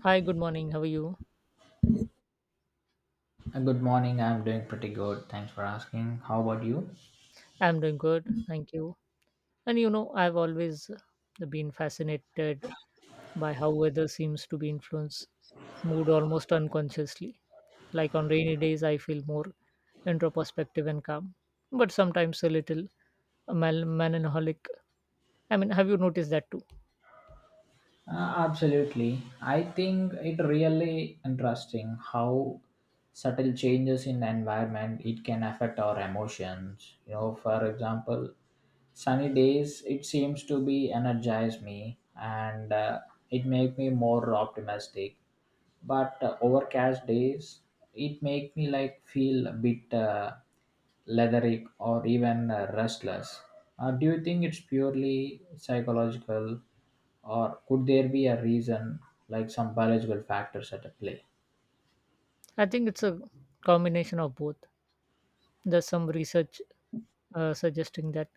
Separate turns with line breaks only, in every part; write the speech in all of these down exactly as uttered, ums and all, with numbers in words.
Hi, good morning. How are you?
Uh, Good morning. I'm doing pretty good. Thanks for asking. How about you?
I'm doing good. Thank you. And you know, I've always uh, been fascinated by how weather seems to be influence mood almost unconsciously. Like on rainy days, I feel more introspective and calm, but sometimes a little mel- melancholic. I mean, have you noticed that too?
Uh, absolutely. I think it really interesting how subtle changes in the environment it can affect our emotions. You know, for example, sunny days it seems to be energize me and uh, it make me more optimistic but uh, overcast days it make me like feel a bit uh, lethargic or even uh, restless. Uh, do you think it's purely psychological or could there be a reason like some biological factors at play?
I think it's a combination of both. There's some research uh, suggesting that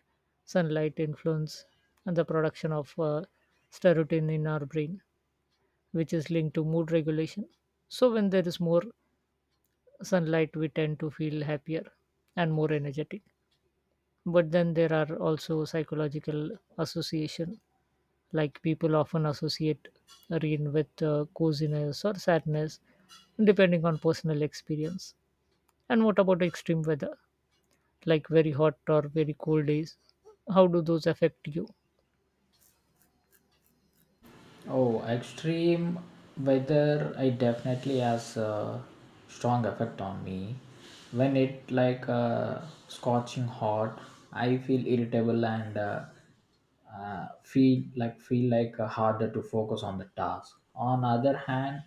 sunlight influence and the production of uh, serotonin in our brain which is linked to mood regulation. So, when there is more sunlight, we tend to feel happier and more energetic. But then there are also psychological association, like people often associate rain with uh, coziness or sadness, depending on personal experience. And what about extreme weather, like very hot or very cold days? How do those affect you?
Oh, extreme weather, it definitely has a strong effect on me. When it like uh, scorching hot, I feel irritable and uh, uh, feel like feel like uh, harder to focus on the task. On other hand,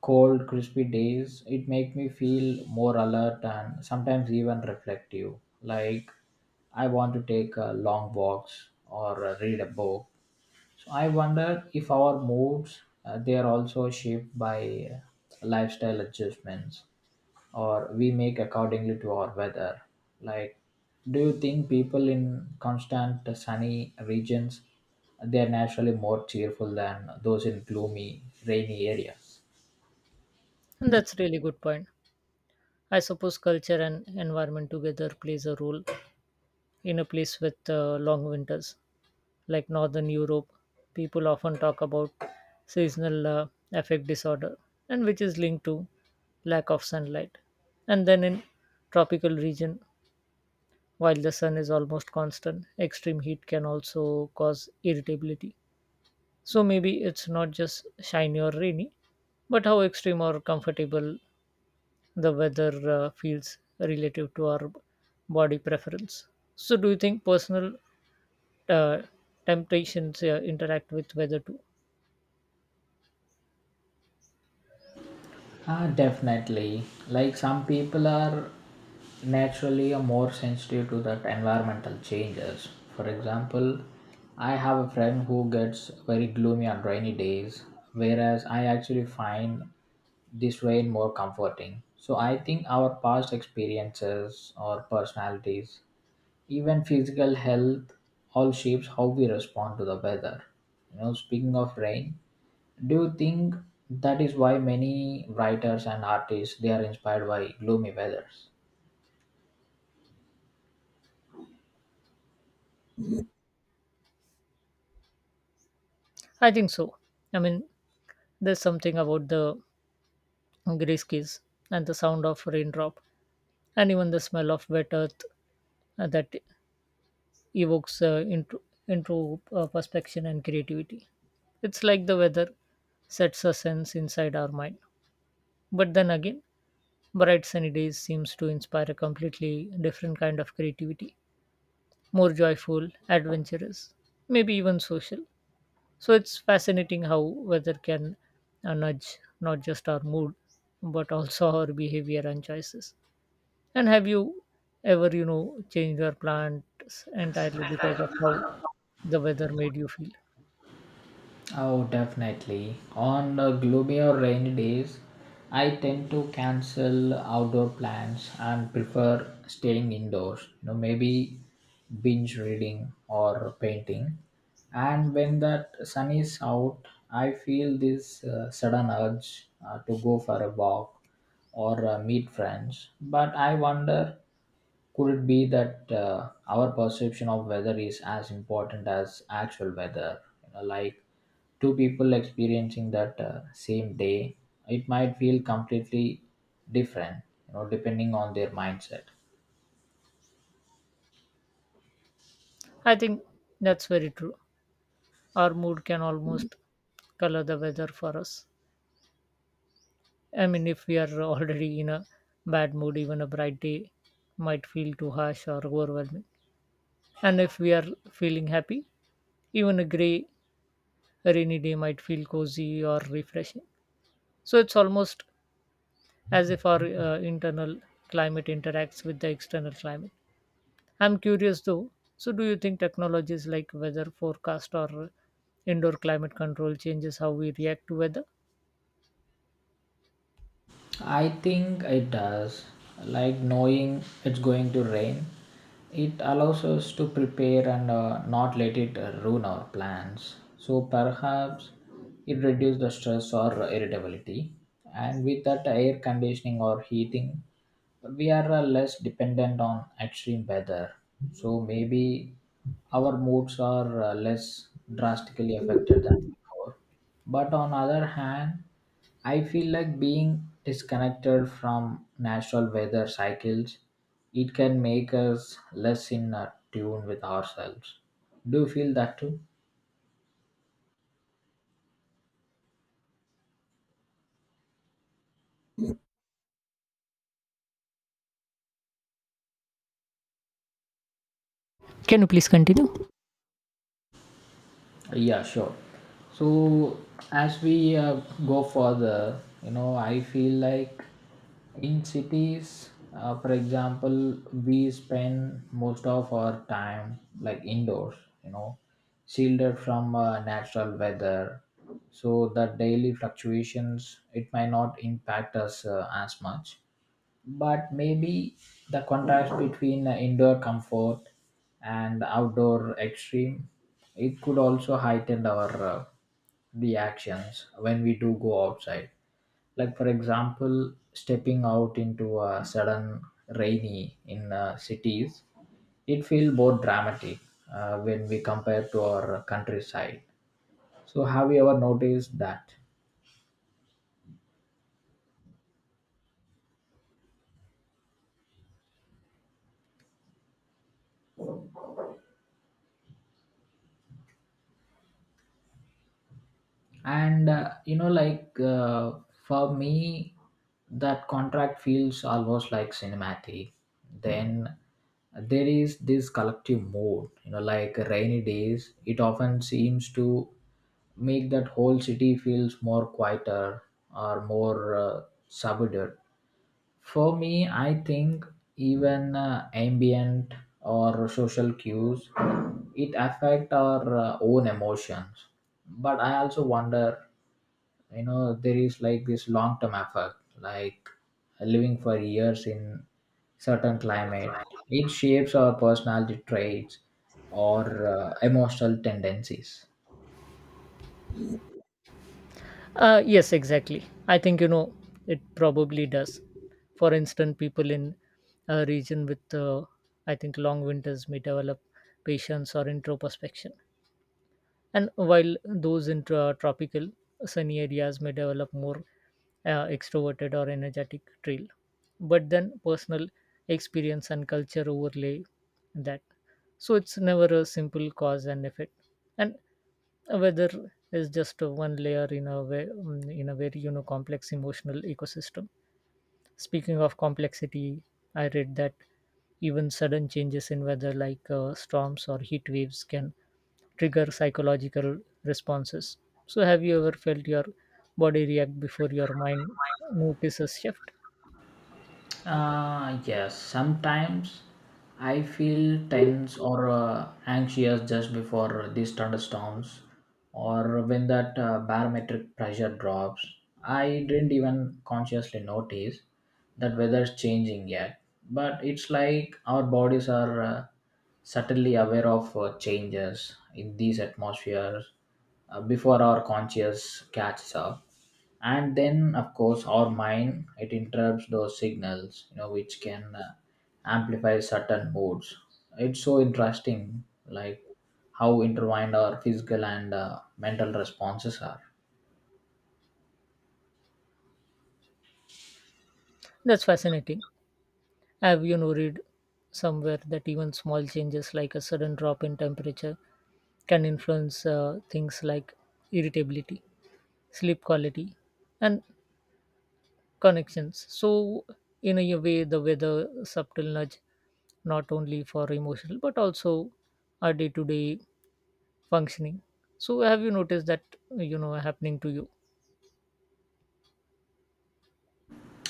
cold, crispy days, it make me feel more alert and sometimes even reflective. Like I want to take uh, long walks or uh, read a book. So I wonder if our moods uh, they are also shaped by uh, lifestyle adjustments or we make accordingly to our weather. Like, do you think people in constant sunny regions they are naturally more cheerful than those in gloomy rainy areas?
And that's really good point. I suppose culture and environment together plays a role in a place with uh, long winters. Like northern Europe, people often talk about seasonal uh, affect disorder, and which is linked to lack of sunlight. And then in tropical region, while the sun is almost constant, extreme heat can also cause irritability. So maybe it's not just shiny or rainy, but how extreme or comfortable the weather uh, feels relative to our body preference. So do you think personal uh, temptations uh, interact with weather too?
Ah, definitely. Like some people are naturally are more sensitive to that environmental changes. For example, I have a friend who gets very gloomy on rainy days, whereas I actually find this rain more comforting. So I think our past experiences or personalities, even physical health, all shapes how we respond to the weather. You know, speaking of rain, do you think that is why many writers and artists they are inspired by gloomy weathers?
I think so. I mean, there's something about the grey keys and the sound of raindrop, and even the smell of wet earth uh, that evokes uh, into into uh, perspection and creativity. It's like the weather sets a sense inside our mind. But then again, bright sunny days seems to inspire a completely different kind of creativity, more joyful, adventurous, maybe even social. So it's fascinating how weather can uh, nudge not just our mood but also our behavior and choices. And have you ever, you know, changed your plans entirely because of how the weather made you feel?
Oh, definitely. On uh, gloomy or rainy days, I tend to cancel outdoor plans and prefer staying indoors. You know, maybe binge reading or painting. And when that sun is out, I feel this uh, sudden urge uh, to go for a walk or uh, meet friends. But I wonder, could it be that uh, our perception of weather is as important as actual weather? You know, like two people experiencing that uh, same day, it might feel completely different, you know, depending on their mindset.
I think that's very true. Our mood can almost color the weather for us. I mean, if we are already in a bad mood, even a bright day might feel too harsh or overwhelming. And if we are feeling happy, even a gray a rainy day might feel cozy or refreshing. So it's almost as if our uh, internal climate interacts with the external climate. I'm curious though. So do you think technologies like weather forecast or indoor climate control changes how we react to weather?
I think it does. Like knowing it's going to rain, it allows us to prepare and uh, not let it uh, ruin our plans. So perhaps it reduces the stress or irritability. And with that air conditioning or heating, we are uh, less dependent on extreme weather, so maybe our moods are uh, less drastically affected than before. But on other hand, I feel like being disconnected from natural weather cycles, it can make us less in uh, tune with ourselves. Do you feel that too?
Can you please continue?
Yeah, sure. So as we uh, go further, you know, I feel like in cities, uh, for example, we spend most of our time like indoors, you know, shielded from uh, natural weather. So the daily fluctuations, it might not impact us uh, as much. But maybe the contrast between uh, indoor comfort and outdoor extreme, it could also heighten our uh, reactions when we do go outside. Like for example, stepping out into a sudden rainy in uh, cities, it feels more dramatic uh, when we compare to our countryside. So have you ever noticed that? And uh, you know like uh, for me, that contract feels almost like cinematic. Then there is this collective mood, you know, like rainy days it often seems to make that whole city feels more quieter or more uh, subdued. For me, I think even uh, ambient or social cues it affect our uh, own emotions. But I also wonder, you know, there is like this long term effect, like living for years in certain climate. It shapes our personality traits or uh, emotional tendencies.
Uh, yes, exactly. I think, you know, it probably does. For instance, people in a region with, uh, I think, long winters may develop patience or introspection, and while those in tro- tropical sunny areas may develop more uh, extroverted or energetic trail, but then personal experience and culture overlay that. So it's never a simple cause and effect. And weather is just one layer in a way, in a very, you know, complex emotional ecosystem. Speaking of complexity, I read that even sudden changes in weather, like uh, storms or heat waves, can trigger psychological responses. So, have you ever felt your body react before your mind notices shift?
Uh, yes, sometimes I feel tense or uh, anxious just before these thunderstorms or when that uh, barometric pressure drops. I didn't even consciously notice that weather's changing yet, but it's like our bodies are uh, subtly aware of uh, changes in these atmospheres uh, before our conscious catches up. And then of course our mind it interrupts those signals, you know, which can uh, amplify certain moods. It's so interesting, like how intertwined our physical and uh, mental responses are.
That's fascinating. Have you know read somewhere that even small changes, like a sudden drop in temperature, can influence uh, things like irritability, sleep quality, and connections. So, in a way, the weather subtle nudge not only for emotional but also our day-to-day functioning. So, have you noticed that, you know, happening to you?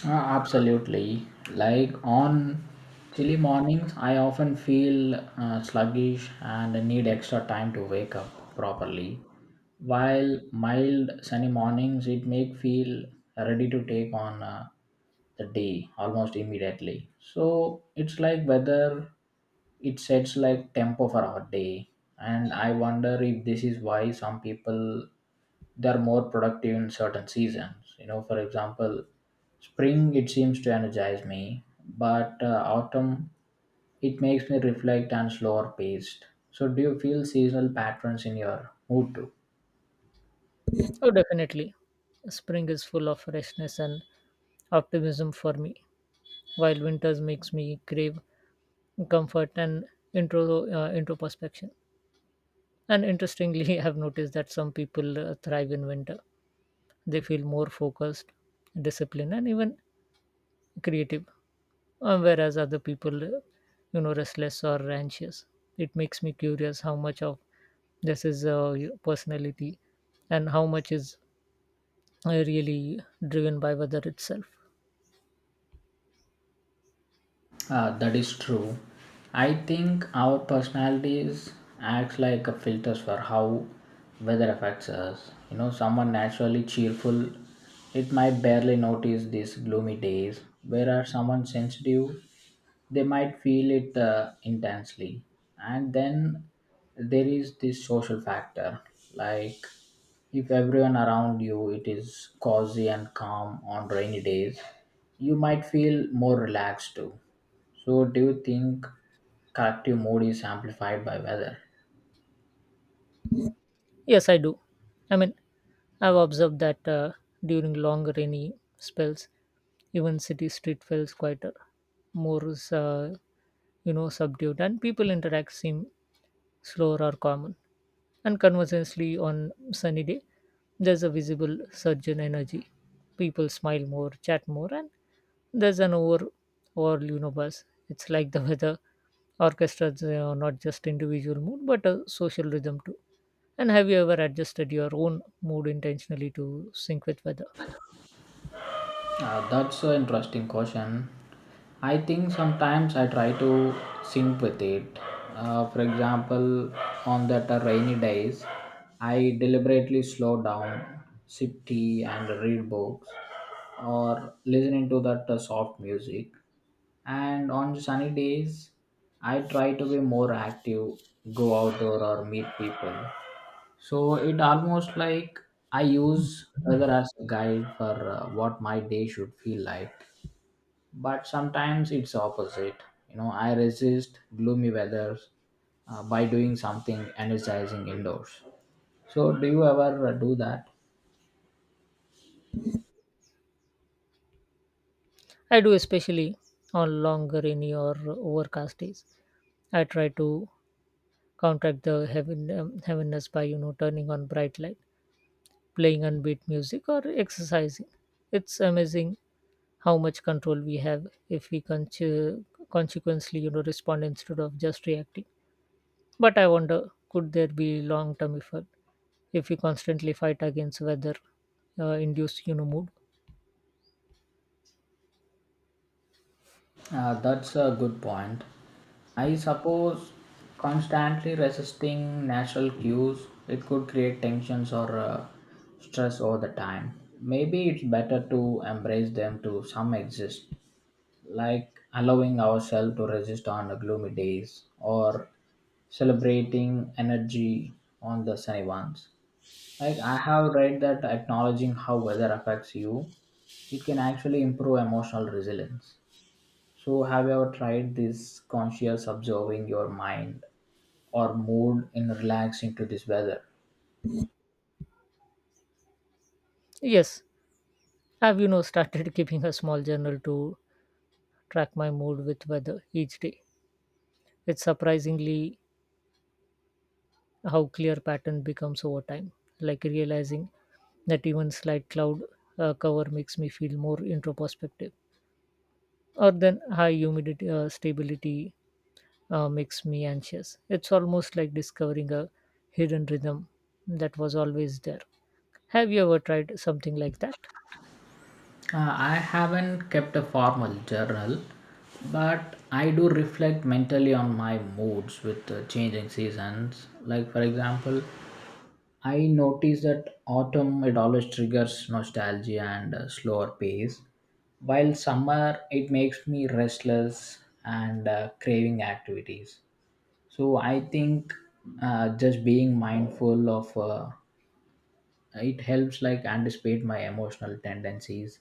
Uh, absolutely. Like on chilly mornings, I often feel uh, sluggish and need extra time to wake up properly. While mild sunny mornings, it make feel ready to take on uh, the day almost immediately. So it's like weather it sets like tempo for our day. And I wonder if this is why some people they're more productive in certain seasons, you know, for example, spring it seems to energize me, but uh, autumn it makes me reflect and slower paced. So do you feel seasonal patterns in your mood too?
Oh, definitely. Spring is full of freshness and optimism for me, while winters makes me crave comfort and intro uh, introspection. And interestingly, I have noticed that some people uh, thrive in winter. They feel more focused, disciplined, and even creative, uh, whereas other people, uh, you know restless or anxious. It makes me curious how much of this is uh, your personality and how much is uh, really driven by weather itself.
Uh, that is true. I think our personalities acts like a filters for how weather affects us. You know, someone naturally cheerful, it might barely notice these gloomy days. Whereas someone sensitive, they might feel it uh, intensely. And then there is this social factor, like if everyone around you it is cozy and calm on rainy days, you might feel more relaxed too. So, do you think collective mood is amplified by weather?
Yes, I do. I mean, I've observed that uh, during long rainy spells even city street feels quieter, more, uh, you know, subdued, and people interact seem slower or common. And conversely, on sunny day, there's a visible surge in energy. People smile more, chat more, and there's an over all, you know, buzz. It's like the weather orchestras uh, not just individual mood but a social rhythm too. And have you ever adjusted your own mood intentionally to sync with weather?
Uh, that's an interesting question. I think sometimes I try to sync with it. Uh, for example, on that uh, rainy days, I deliberately slow down, sip tea, and read books, or listening to that uh, soft music. And on sunny days, I try to be more active, go outdoor or meet people. So it almost like I use weather as a guide for uh, what my day should feel like. But sometimes it's opposite. You know, I resist gloomy weather uh, by doing something energizing indoors. So do you ever uh, do that?
I do, especially on long, rainy, or overcast days. I try to counteract the heaven, um, heaviness by, you know, turning on bright light playing unbeat music or exercising. It's amazing how much control we have if we con- consequently, you know, respond instead of just reacting. But I wonder, could there be long term effect if we constantly fight against weather uh, induced, you know, mood?
Uh, that's a good point. I suppose constantly resisting natural cues it could create tensions or uh, stress over the time. Maybe it's better to embrace them to some exist, like allowing ourselves to resist on the gloomy days or celebrating energy on the sunny ones. Like I have read that acknowledging how weather affects you, it can actually improve emotional resilience. So, have you ever tried this conscious observing your mind or mood in relaxing to this weather?
Yes, I've, you know, started keeping a small journal to track my mood with weather each day. It's surprisingly how clear pattern becomes over time, like realizing that even slight cloud uh, cover makes me feel more introspective or then high humidity uh, stability uh, makes me anxious. It's almost like discovering a hidden rhythm that was always there. Have you ever tried something like that?
Uh, I haven't kept a formal journal, but I do reflect mentally on my moods with the changing seasons. Like, for example, I notice that autumn it always triggers nostalgia and a slower pace, while summer it makes me restless and uh, craving activities. So I think uh, just being mindful of uh, it helps like anticipate my emotional tendencies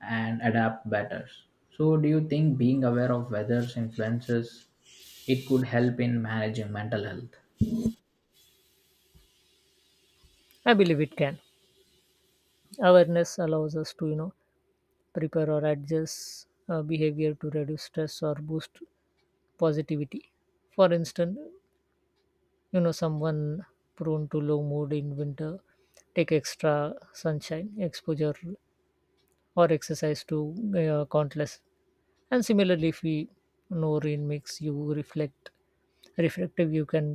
and adapt better. So do you think being aware of weather's influences it could help in managing mental health?
I believe it can. Awareness allows us to, you know, prepare or adjust uh, behavior to reduce stress or boost positivity. For instance, you know, someone prone to low mood in winter take extra sunshine exposure or exercise to uh, countless. And similarly, if we know rain makes you reflect reflective, you can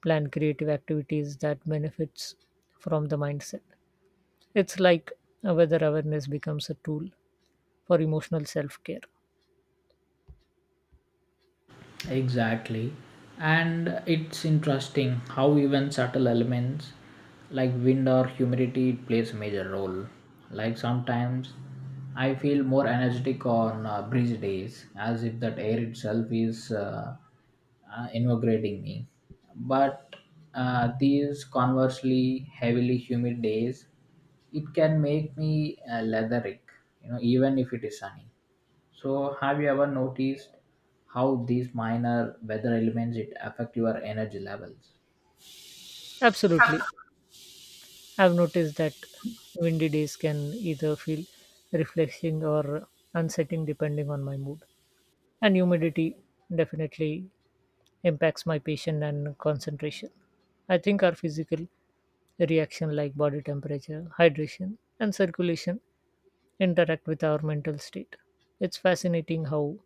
plan creative activities that benefits from the mindset. It's like uh, whether awareness becomes a tool for emotional self-care.
Exactly. And it's interesting how even subtle elements like wind or humidity plays a major role. Like sometimes I feel more energetic on uh, breezy days as if that air itself is uh, uh, invigorating me. But uh, these conversely heavily humid days, it can make me uh, leathery, you know, even if it is sunny. So, have you ever noticed how these minor weather elements it affect your energy levels?
Absolutely. I've noticed that windy days can either feel refreshing or unsettling depending on my mood. And humidity definitely impacts my patience and concentration. I think our physical reaction like body temperature, hydration, and circulation interact with our mental state. It's fascinating how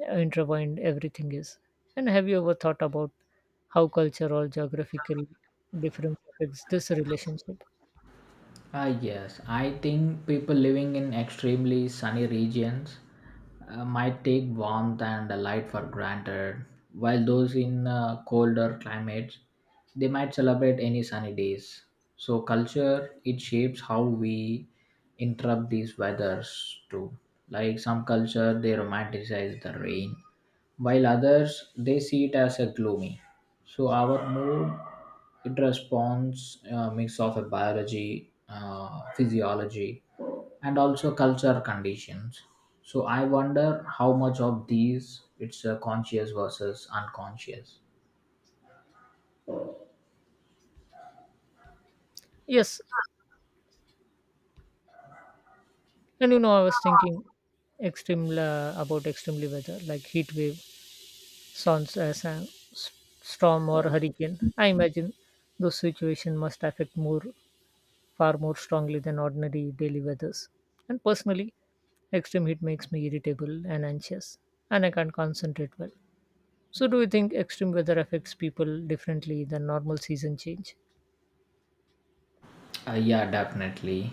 intertwined everything is. And have you ever thought about how culture or geographical difference affects this relationship?
Ah, yes. I think people living in extremely sunny regions uh, might take warmth and the light for granted, while those in uh, colder climates they might celebrate any sunny days. So, culture it shapes how we interrupt these weathers too. Like some culture, they romanticize the rain while others they see it as a gloomy. So our mood it responds a mix of a biology, uh, physiology, and also culture conditions. So I wonder how much of these it's a conscious versus unconscious.
Yes. And you know, I was thinking extreme uh, about extremely weather like heat wave, sounds uh, sa- storm or hurricane. I imagine those situations must affect more far more strongly than ordinary daily weathers. And personally, extreme heat makes me irritable and anxious, and I can't concentrate well. So, do you think extreme weather affects people differently than normal season change?
Uh, yeah, definitely.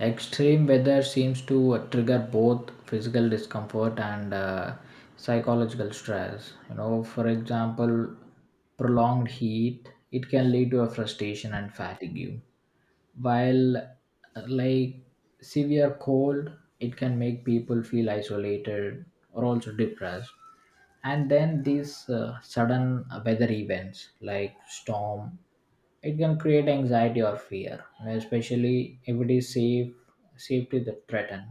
Extreme weather seems to uh, trigger both physical discomfort and uh, psychological stress. You know, for example, prolonged heat it can lead to a frustration and fatigue, while uh, like severe cold it can make people feel isolated or also depressed. And then these uh, sudden weather events like storm it can create anxiety or fear, you know, especially if it is safe safety that threaten.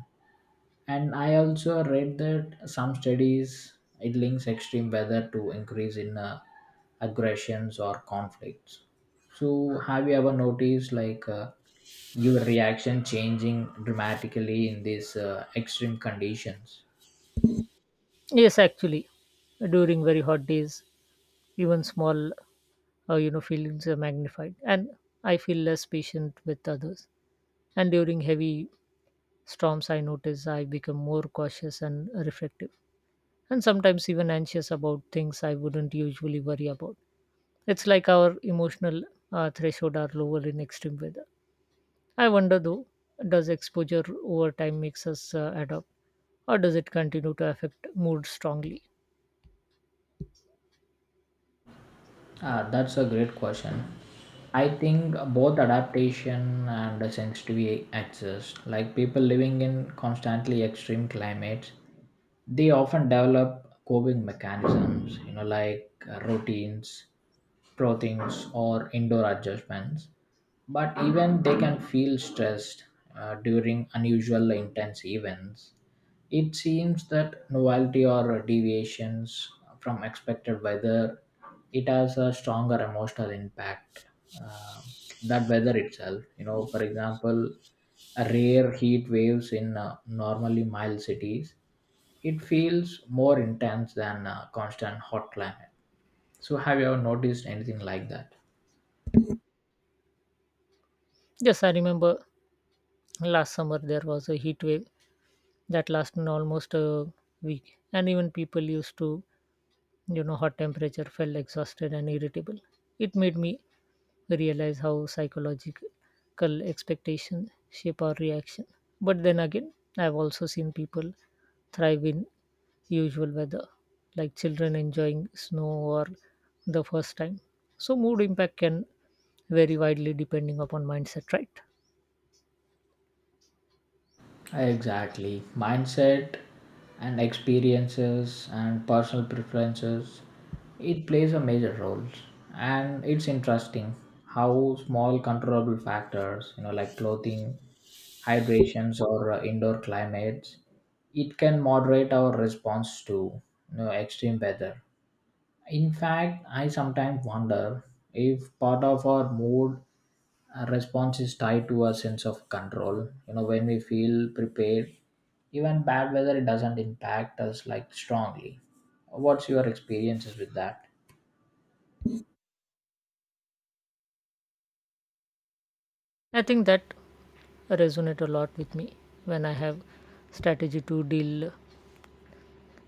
And I also read that some studies it links extreme weather to increase in uh, aggressions or conflicts. So have you ever noticed like uh, your reaction changing dramatically in these uh, extreme conditions?
Yes, actually, during very hot days, even small, uh, you know, feelings are magnified, and I feel less patient with others. And during heavy storms I notice I become more cautious and reflective, and sometimes even anxious about things I wouldn't usually worry about. It's like our emotional uh, threshold are lower in extreme weather. I wonder though, does exposure over time makes us uh, adapt, or does it continue to affect mood strongly?
Ah, that's a great question. I think both adaptation and the sensitivity exist. Like people living in constantly extreme climates, they often develop coping mechanisms, you know, like uh, routines, proteins, or indoor adjustments. But even they can feel stressed uh, during unusual intense events. It seems that novelty or deviations from expected weather it has a stronger emotional impact uh, that weather itself. You know, for example, a rare heat waves in uh, normally mild cities, it feels more intense than a constant hot climate. So, have you ever noticed anything like that?
Yes, I remember last summer there was a heat wave that lasted almost a week, and even people used to, you know, hot temperature felt exhausted and irritable. It made me realize how psychological expectations shape our reaction. But then again, I've also seen people thrive in usual weather, like children enjoying snow or the first time. So mood impact can vary widely depending upon mindset, right?
Exactly. Mindset and experiences and personal preferences, it plays a major role. And it's interesting how small controllable factors, you know, like clothing, hydrations, or uh, indoor climates, it can moderate our response to, you know, extreme weather. In fact, I sometimes wonder if part of our mood, our response is tied to a sense of control. You know, when we feel prepared, even bad weather, it doesn't impact us like strongly. What's your experiences with that?
I think that resonate a lot with me. When I have strategy to deal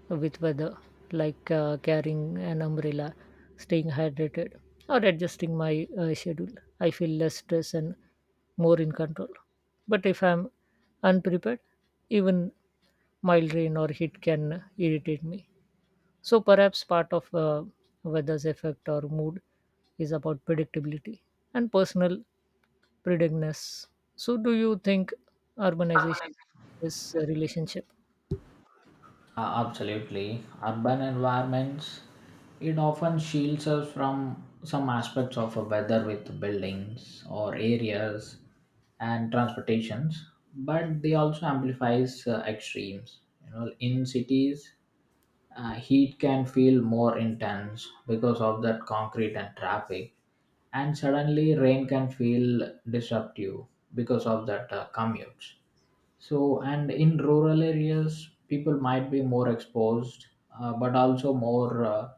with weather, like uh, carrying an umbrella, staying hydrated, or adjusting my uh, schedule, I feel less stress and more in control. But if I'm unprepared, even mild rain or heat can irritate me. So perhaps part of uh, weather's effect or mood is about predictability and personal preparedness. So do you think urbanization is a relationship?
Uh, absolutely. Urban environments, it often shields us from some aspects of a weather with buildings or areas and transportations, but they also amplifies uh, extremes. You know, in cities, uh, heat can feel more intense because of that concrete and traffic, and suddenly rain can feel disruptive because of that uh, commutes. So, and in rural areas, people might be more exposed, uh, but also more uh,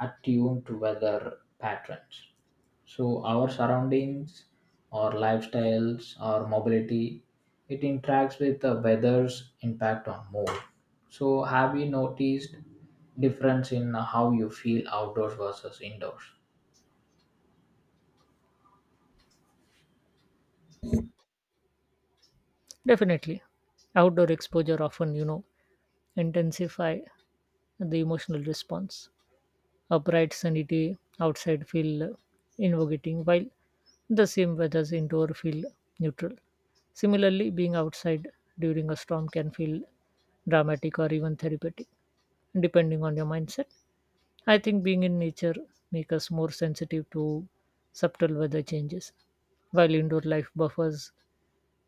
attuned to weather patterns. So our surroundings, our lifestyles, our mobility, it interacts with the weather's impact on mood. So have you noticed difference in how you feel outdoors versus indoors?
Definitely. Outdoor exposure often, you know, intensify the emotional response. A bright sunny day outside feel invigorating, while the same weather's indoor feel neutral. Similarly, being outside during a storm can feel dramatic or even therapeutic, depending on your mindset. I think being in nature makes us more sensitive to subtle weather changes, while indoor life buffers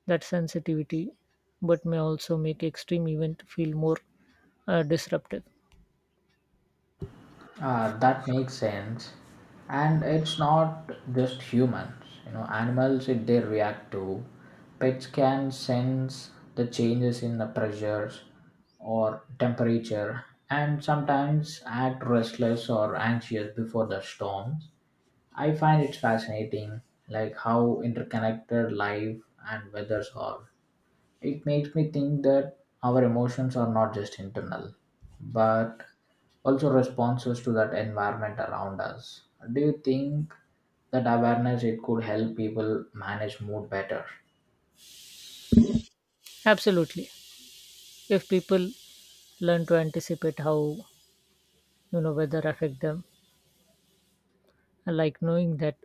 that sensitivity but may also make extreme event feel more uh, disruptive.
Uh, that makes sense. And it's not just humans, you know, animals, if they react to, pets can sense the changes in the pressures or temperature, and sometimes act restless or anxious before the storms. I find it fascinating, like how interconnected life and weathers are. It makes me think that our emotions are not just internal but also responses to that environment around us. Do you think that awareness, it could help people manage mood better?
Absolutely. If people learn to anticipate how, you know, weather affect them, I like knowing that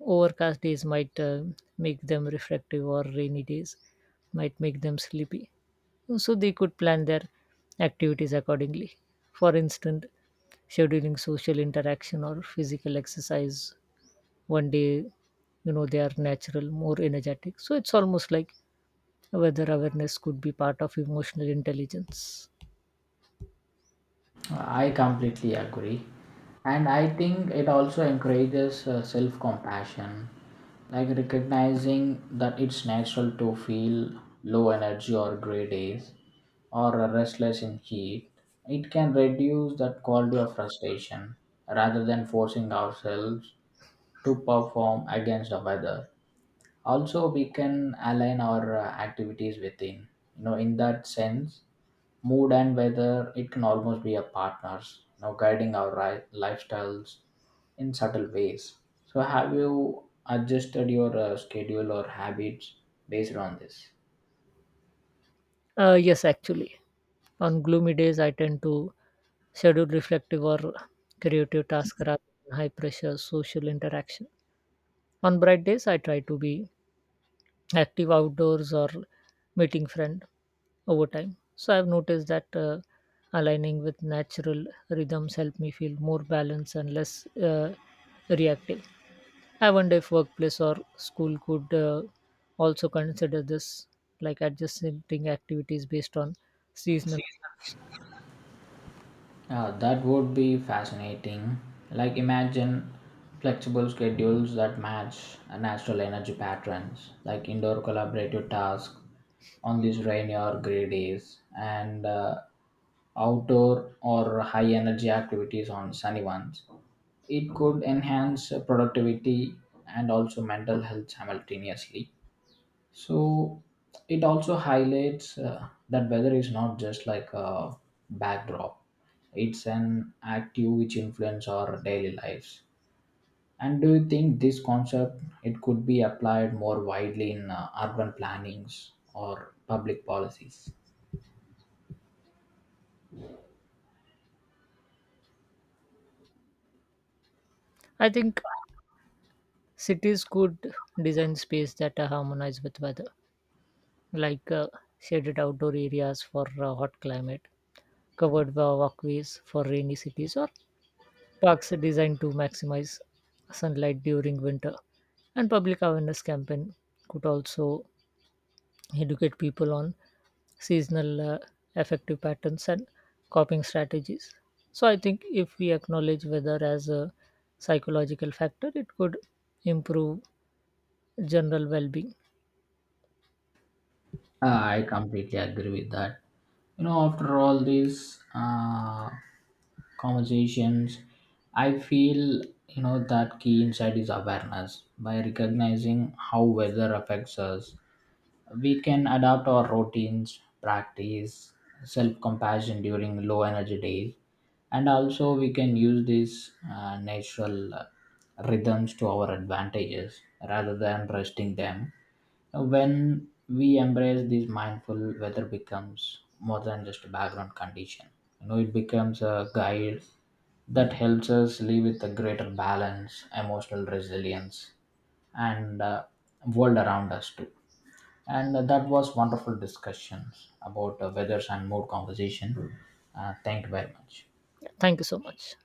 overcast days might uh, make them reflective or rainy days might make them sleepy, so they could plan their activities accordingly. For instance, scheduling social interaction or physical exercise one day, you know, they are natural more energetic. So it's almost like weather awareness could be part of emotional intelligence.
I completely agree. And I think it also encourages uh, self compassion, like recognizing that it's natural to feel low energy or gray days or uh, restless in heat. It can reduce that quality of frustration rather than forcing ourselves to perform against the weather. Also, we can align our uh, activities within, you know, in that sense, mood and weather, it can almost be a partners, you know, guiding our ri- lifestyles in subtle ways. So have you adjusted your uh, schedule or habits based on this?
Uh, yes actually, on gloomy days I tend to scheduled reflective or creative tasks rather than high pressure social interaction. On bright days, I try to be active outdoors or meeting friend over time. So I've noticed that uh, aligning with natural rhythms help me feel more balanced and less uh, reactive. I wonder if workplace or school could uh, also consider this, like adjusting activities based on seasonal.
Uh, that would be fascinating. Like, imagine flexible schedules that match uh, natural energy patterns, like indoor collaborative tasks on these rainy or gray days, and uh, outdoor or high energy activities on sunny ones. It could enhance uh, productivity and also mental health simultaneously. So it also highlights uh, that weather is not just like a backdrop; it's an active which influence our daily lives. And do you think this concept, it could be applied more widely in uh, urban plannings or public policies?
I think cities could design space that are harmonized with weather, like uh, shaded outdoor areas for uh, hot climate, covered wa- walkways for rainy cities, or parks designed to maximize sunlight during winter. And public awareness campaign could also educate people on seasonal uh, effective patterns and coping strategies. So I think if we acknowledge weather as a psychological factor, it could improve general well-being.
Ah, I completely agree with that. You know, after all these uh, conversations, I feel, you know, that key insight is awareness. By recognizing how weather affects us, we can adapt our routines, practice self compassion during low energy days, and also we can use these uh, natural uh, rhythms to our advantages rather than resting them. When we embrace this mindful, weather becomes more than just a background condition. You know, it becomes a guide that helps us live with a greater balance, emotional resilience, and uh, world around us too. And uh, that was wonderful discussion about uh, weathers and mood conversation. Uh, thank you very much.
Thank you so much.